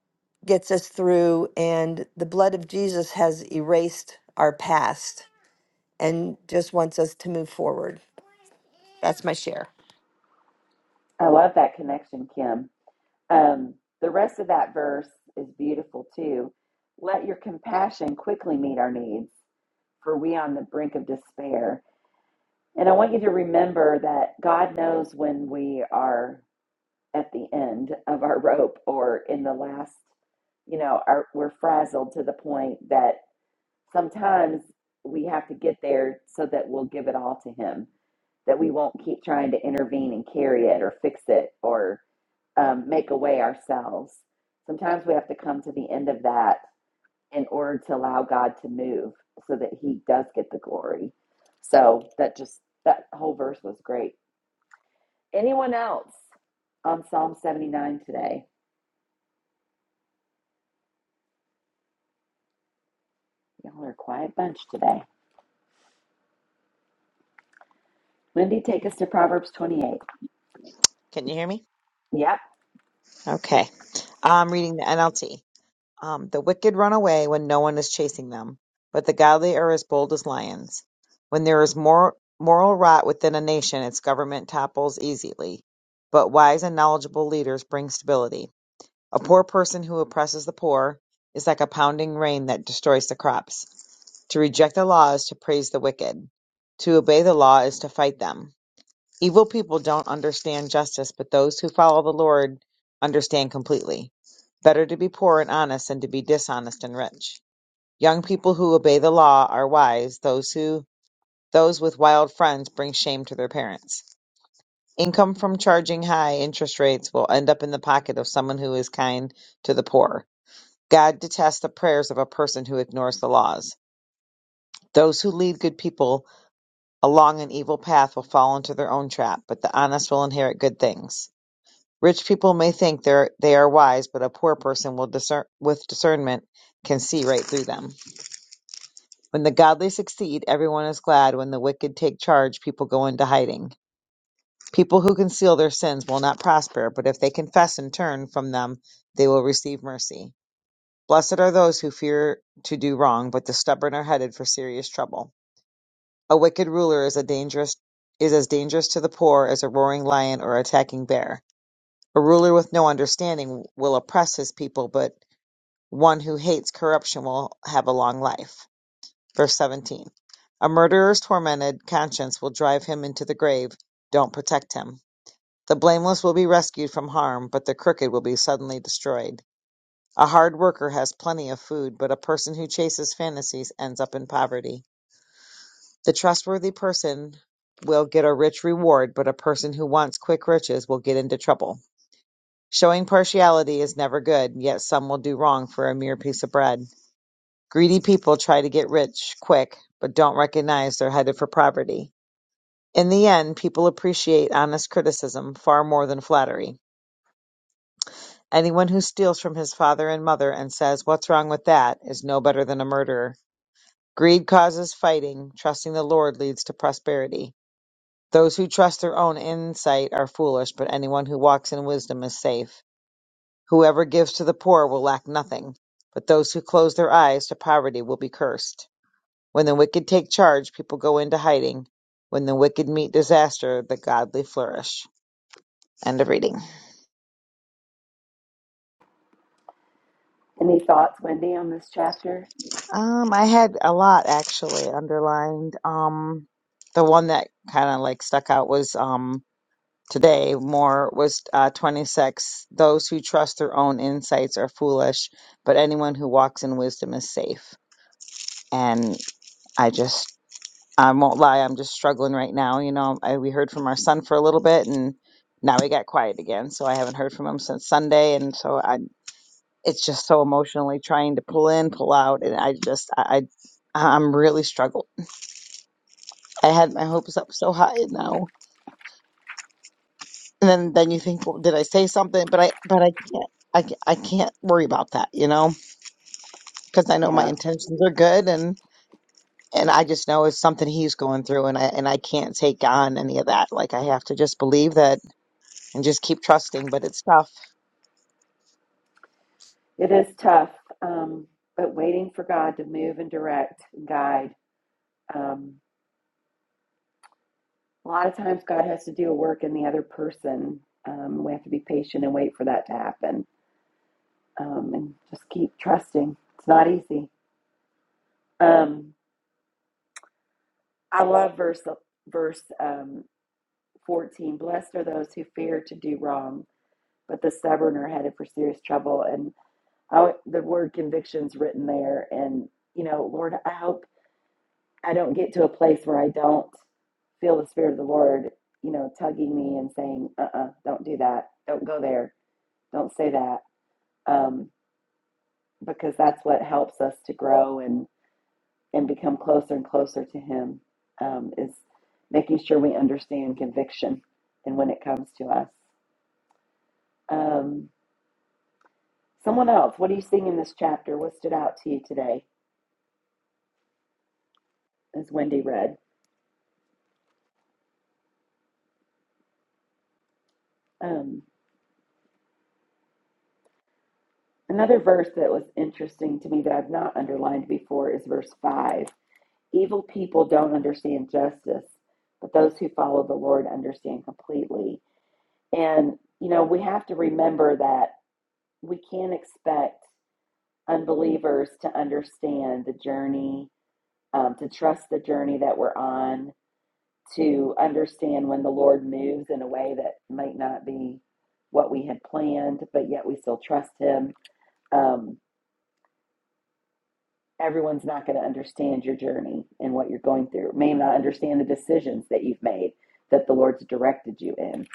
Speaker 9: gets us through and the blood of Jesus has erased our past and just wants us to move forward. That's my share.
Speaker 1: I love that connection, Kim. Um, the rest of that verse is beautiful too. Let your compassion quickly meet our needs, for we on the brink of despair. And I want you to remember that God knows when we are at the end of our rope or in the last, you know, our, we're frazzled to the point that sometimes we have to get there so that we'll give it all to him that we won't keep trying to intervene and carry it or fix it or um, make a way ourselves sometimes we have to come to the end of that in order to allow god to move so that he does get the glory so that just that whole verse was great anyone else on psalm 79 today y'all are a quiet bunch today wendy take us to proverbs 28
Speaker 10: Can you hear me?
Speaker 1: yep
Speaker 10: Okay. I'm reading the NLT. Um, the wicked run away when no one is chasing them, but the godly are as bold as lions. When there is more moral rot within a nation, its government topples easily. But wise and knowledgeable leaders bring stability. A poor person who oppresses the poor is like a pounding rain that destroys the crops. To reject the law is to praise the wicked. To obey the law is to fight them. Evil people don't understand justice, but those who follow the Lord understand completely. Better to be poor and honest than to be dishonest and rich. Young people who obey the law are wise. Those who those with wild friends bring shame to their parents. Income from charging high interest rates will end up in the pocket of someone who is kind to the poor. God detests the prayers of a person who ignores the laws. Those who lead good people along an evil path will fall into their own trap, but the honest will inherit good things. Rich people may think they're- they are wise, but a poor person will discern, with discernment can see right through them. When the godly succeed, everyone is glad. When the wicked take charge, people go into hiding. People who conceal their sins will not prosper, but if they confess and turn from them, they will receive mercy. Blessed are those who fear to do wrong, but the stubborn are headed for serious trouble. A wicked ruler is a dangerous is as dangerous to the poor as a roaring lion or attacking bear. A ruler with no understanding will oppress his people, but One who hates corruption will have a long life. Verse 17. A murderer's tormented conscience will drive him into the grave. Don't protect him. The blameless will be rescued from harm, but the crooked will be suddenly destroyed. A hard worker has plenty of food, but a person who chases fantasies ends up in poverty. The trustworthy person will get a rich reward, but a person who wants quick riches will get into trouble. Showing partiality is never good, yet some will do wrong for a mere piece of bread. Greedy people try to get rich quick, but don't recognize they're headed for poverty. In the end, people appreciate honest criticism far more than flattery. Anyone who steals from his father and mother and says, What's wrong with that? is no better than a murderer. Greed causes fighting. Trusting the Lord leads to prosperity. Those who trust their own insight are foolish, but anyone who walks in wisdom is safe. Whoever gives to the poor will lack nothing, but those who close their eyes to poverty will be cursed. When the wicked take charge, people go into hiding. When the wicked meet disaster, the godly flourish. End of reading.
Speaker 1: any thoughts wendy on this chapter
Speaker 10: Um, I had a lot actually underlined. Um, the one that kind of like stuck out was um today more was uh 26. Those who trust their own insights are foolish, but anyone who walks in wisdom is safe. And I just I won't lie, I'm just struggling right now. You know, I, we heard from our son for a little bit and now he got quiet again. So I haven't heard from him since Sunday. And so I, it's just so emotionally trying to pull in, pull out. And I just, I, I I'm really struggling. I had my hopes up so high and now. And then, then you think, well, did I say something? But I, but I can't, I, ca- I can't worry about that, you know, because I know my
Speaker 1: Yeah,
Speaker 10: intentions are good and, and I just know it's something he's going through and I, and I can't take on any of that. Like I have to just believe that and just keep trusting. But it's tough.
Speaker 1: it is tough, um, but waiting for God to move and direct, and guide. Um, a lot of times, God has to do a work in the other person. Um, we have to be patient and wait for that to happen, um, and just keep trusting. It's not easy. Um, I love verse verse um, fourteen. Blessed are those who fear to do wrong, but the stubborn are headed for serious trouble. And I, the word conviction's written there, and you know, Lord, I hope I don't get to a place where I don't feel the spirit of the Lord, you know, tugging me and saying, uh uh do not do that. Don't go there. Don't say that. Um, because that's what helps us to grow and, and become closer and closer to Him um, is making sure we understand conviction and when it comes to us. Um, someone else, what are you seeing in this chapter? What stood out to you today as Wendy read? Um, another verse that was interesting to me that I've not underlined before is verse 5 Evil people don't understand justice, but those who follow the Lord understand completely. And, you know, we have to remember that we can't expect unbelievers to understand the journey, um, to trust the journey that we're on, to understand when the Lord moves in a way that might not be what we had planned, but yet we still trust Him. Um, everyone's not going to understand your journey and what you're going through, may not understand the decisions that you've made that the Lord's directed you in.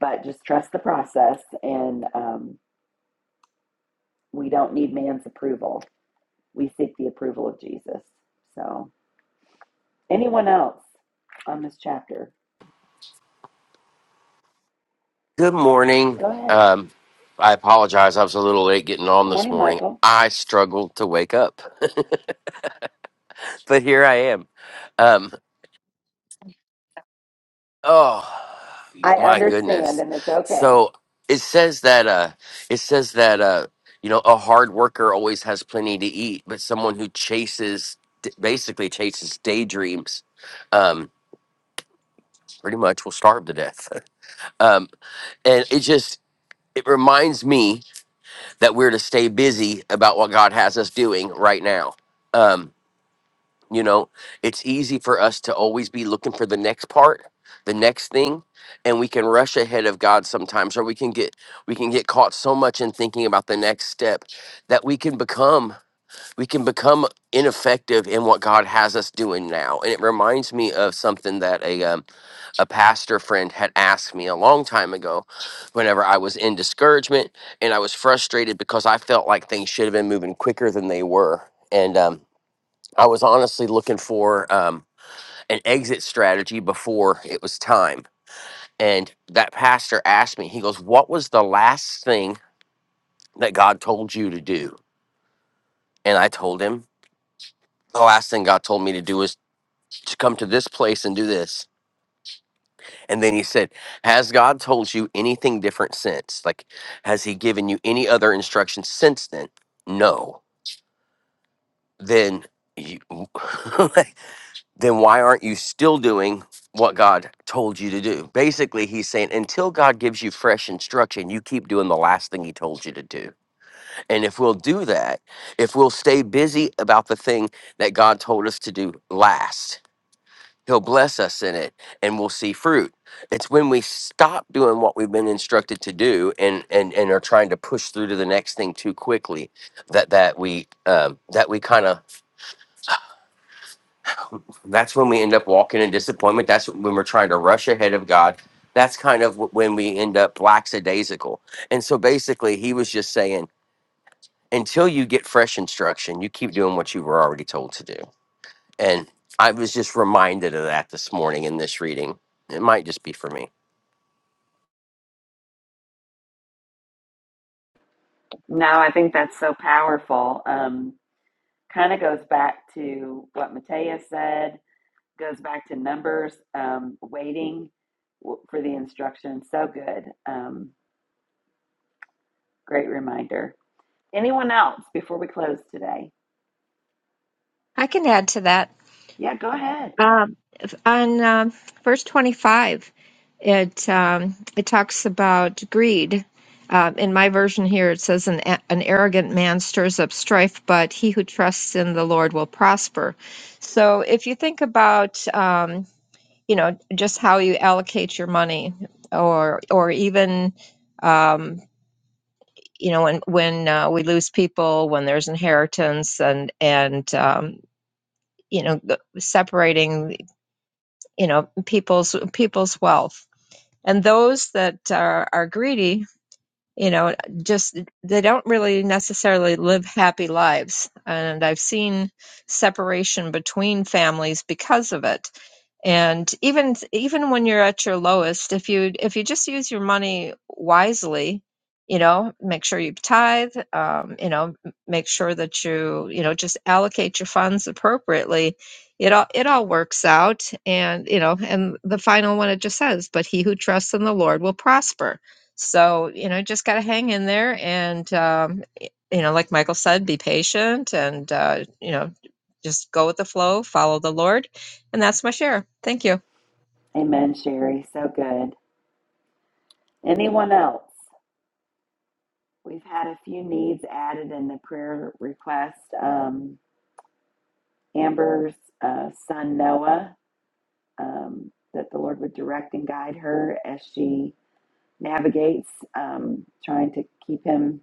Speaker 1: But just trust the process, and um, we don't need man's approval. We seek the approval of Jesus. So, anyone else on this chapter?
Speaker 11: Good morning.
Speaker 1: Go ahead.
Speaker 11: Um, I apologize. I was a little late getting on
Speaker 1: Good
Speaker 11: this
Speaker 1: morning,
Speaker 11: morning.
Speaker 1: Michael.
Speaker 11: I struggled to wake up, but here I am. Um, oh
Speaker 1: I
Speaker 11: my
Speaker 1: understand,
Speaker 11: goodness!
Speaker 1: and it's okay.
Speaker 11: So it says that uh, it says that uh, you know a hard worker always has plenty to eat, but someone who chases basically chases daydreams um, pretty much will starve to death. *laughs* Um, and it just it reminds me that we're to stay busy about what God has us doing right now. Um, you know, it's easy for us to always be looking for the next part, the next thing, and we can rush ahead of God sometimes, or we can get we can get caught so much in thinking about the next step that we can become we can become ineffective in what God has us doing now. And it reminds me of something that a um, a pastor friend had asked me a long time ago whenever I was in discouragement and I was frustrated because I felt like things should have been moving quicker than they were. And um, I was honestly looking for um, an exit strategy before it was time. And that pastor asked me, he goes, What was the last thing that God told you to do? And I told him, The last thing God told me to do is to come to this place and do this And then he said, Has God told you anything different since? Like, has he given you any other instructions since then? No. Then you, *laughs* then why aren't you still doing what God told you to do? Basically, he's saying until God gives you fresh instruction, you keep doing the last thing he told you to do. And if we'll do that, if we'll stay busy about the thing that God told us to do last, He'll bless us in it and we'll see fruit. It's when we stop doing what we've been instructed to do and and and are trying to push through to the next thing too quickly that that we um, that we kind of that's when we end up walking in disappointment. That's when we're trying to rush ahead of God. That's kind of wh- when we end up lackadaisical. And so basically he was just saying until you get fresh instruction, you keep doing what you were already told to do. And I was just reminded of that this morning in this reading. It might just be for me.
Speaker 1: No, I think that's so powerful. Um, kind of goes back to what Matea said goes back to numbers, um, waiting for the instruction. So good. Um, great reminder. Anyone else before we close today?
Speaker 8: I can add to that.
Speaker 1: Yeah, go ahead.
Speaker 8: Um, on um, verse 25, it um, it talks about greed. Um, in my version here, it says, an, a- an arrogant man stirs up strife, but he who trusts in the Lord will prosper. So if you think about um, you know just how you allocate your money or or even um you know when when uh, we lose people when there's inheritance and and um you know the- separating you know people's people's wealth and those that are, are greedy you know, just they don't really necessarily live happy lives. And I've seen separation between families because of it. And even even when you're at your lowest, if you if you just use your money wisely, you know, make sure you tithe, um, you know, m- make sure that you you know just allocate your funds appropriately. It all it all works out, and you know, and the final one it just says, "But he who trusts in the Lord will prosper." So, you know, just got to hang in there and, um, y- you know, like Michael said, be patient and, uh, you know, just go with the flow, follow the Lord. And that's my share. Thank you.
Speaker 1: Amen, Sherry. So good. Anyone else? We've had a few needs added in the prayer request. Um, Amber's uh, son, Noah, um, that the Lord would direct and guide her as she navigates, um, trying to keep him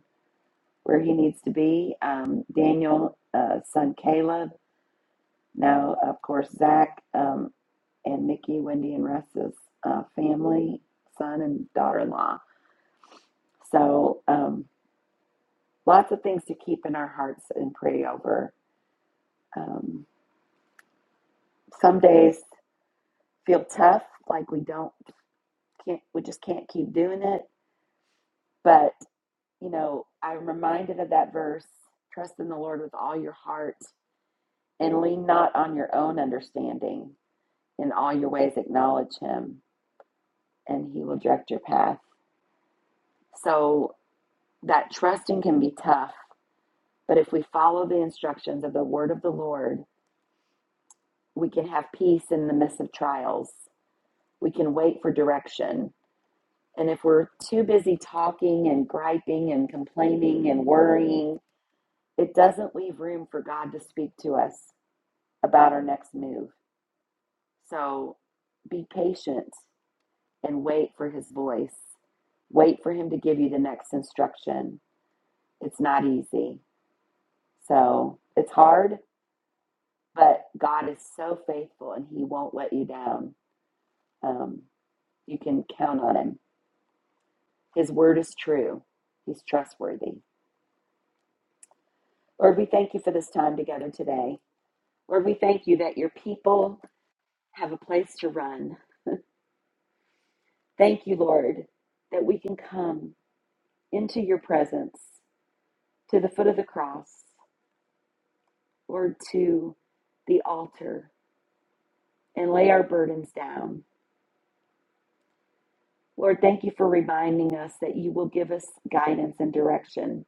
Speaker 1: where he needs to be. Um, Daniel, uh, son Caleb, now, of course, Zach um, and Nikki, Wendy, and Russ's uh, family, son and daughter in law. So, um, lots of things to keep in our hearts and pray over. Um, some days feel tough, like we don't, can't, we just can't keep doing it. But, you know, I'm reminded of that verse trust in the Lord with all your heart and lean not on your own understanding In all your ways, acknowledge him, and he will direct your path. So, that trusting can be tough, but if we follow the instructions of the word of the Lord, we can have peace in the midst of trials. We can wait for direction. And if we're too busy talking and griping and complaining and worrying, it doesn't leave room for God to speak to us about our next move. So, be patient and wait for his voice. Wait for him to give you the next instruction. It's not easy. So it's hard, but God is so faithful and he won't let you down. Um, you can count on him. His word is true, he's trustworthy. Lord, we thank you for this time together today. Lord, we thank you that your people have a place to run. Thank you, Lord, that we can come into your presence to the foot of the cross Lord, to the altar and lay our burdens down. Lord, thank you for reminding us that you will give us guidance and direction.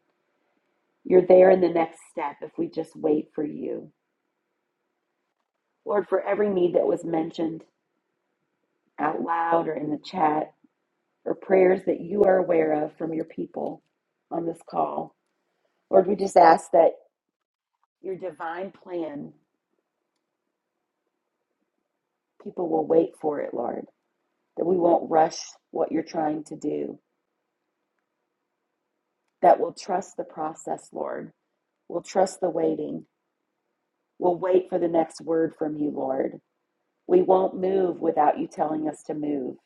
Speaker 1: You're there in the next step if we just wait for you. Lord, for every need that was mentioned out loud or in the chat or prayers that you are aware of from your people on this call, Lord, we just ask that your divine plan, people will wait for it, Lord, that we won't rush what you're trying to do, that we'll trust the process, Lord We'll trust the waiting. We'll wait for the next word from you, Lord. We won't move without you telling us to move.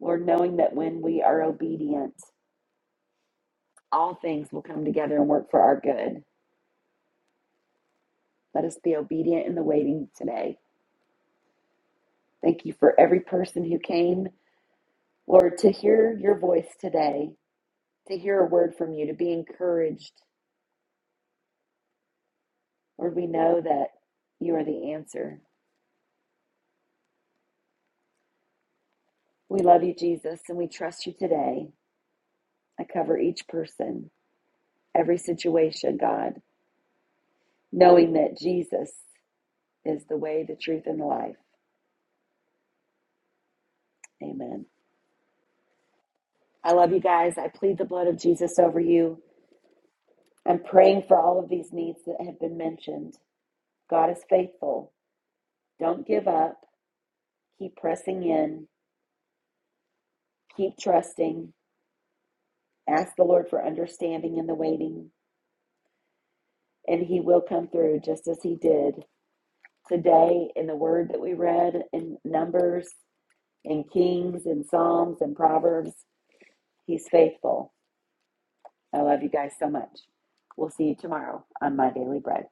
Speaker 1: Lord, knowing that when we are obedient, all things will come together and work for our good. Let us be obedient in the waiting today. Thank you for every person who came, Lord, to hear your voice today, to hear a word from you, to be encouraged. Lord, we know that you are the answer. We love you, Jesus, and we trust you today. I cover each person, every situation, God. knowing that Jesus is the way, the truth, and the life. Amen. I love you guys. I plead the blood of Jesus over you. I'm praying for all of these needs that have been mentioned. God is faithful. Don't give up. Keep pressing in. Keep trusting. Ask the Lord for understanding in the waiting, and He will come through just as He did today in the word that we read in Numbers, in Kings, in Psalms, and Proverbs. He's faithful. I love you guys so much. We'll see you tomorrow on My Daily Bread.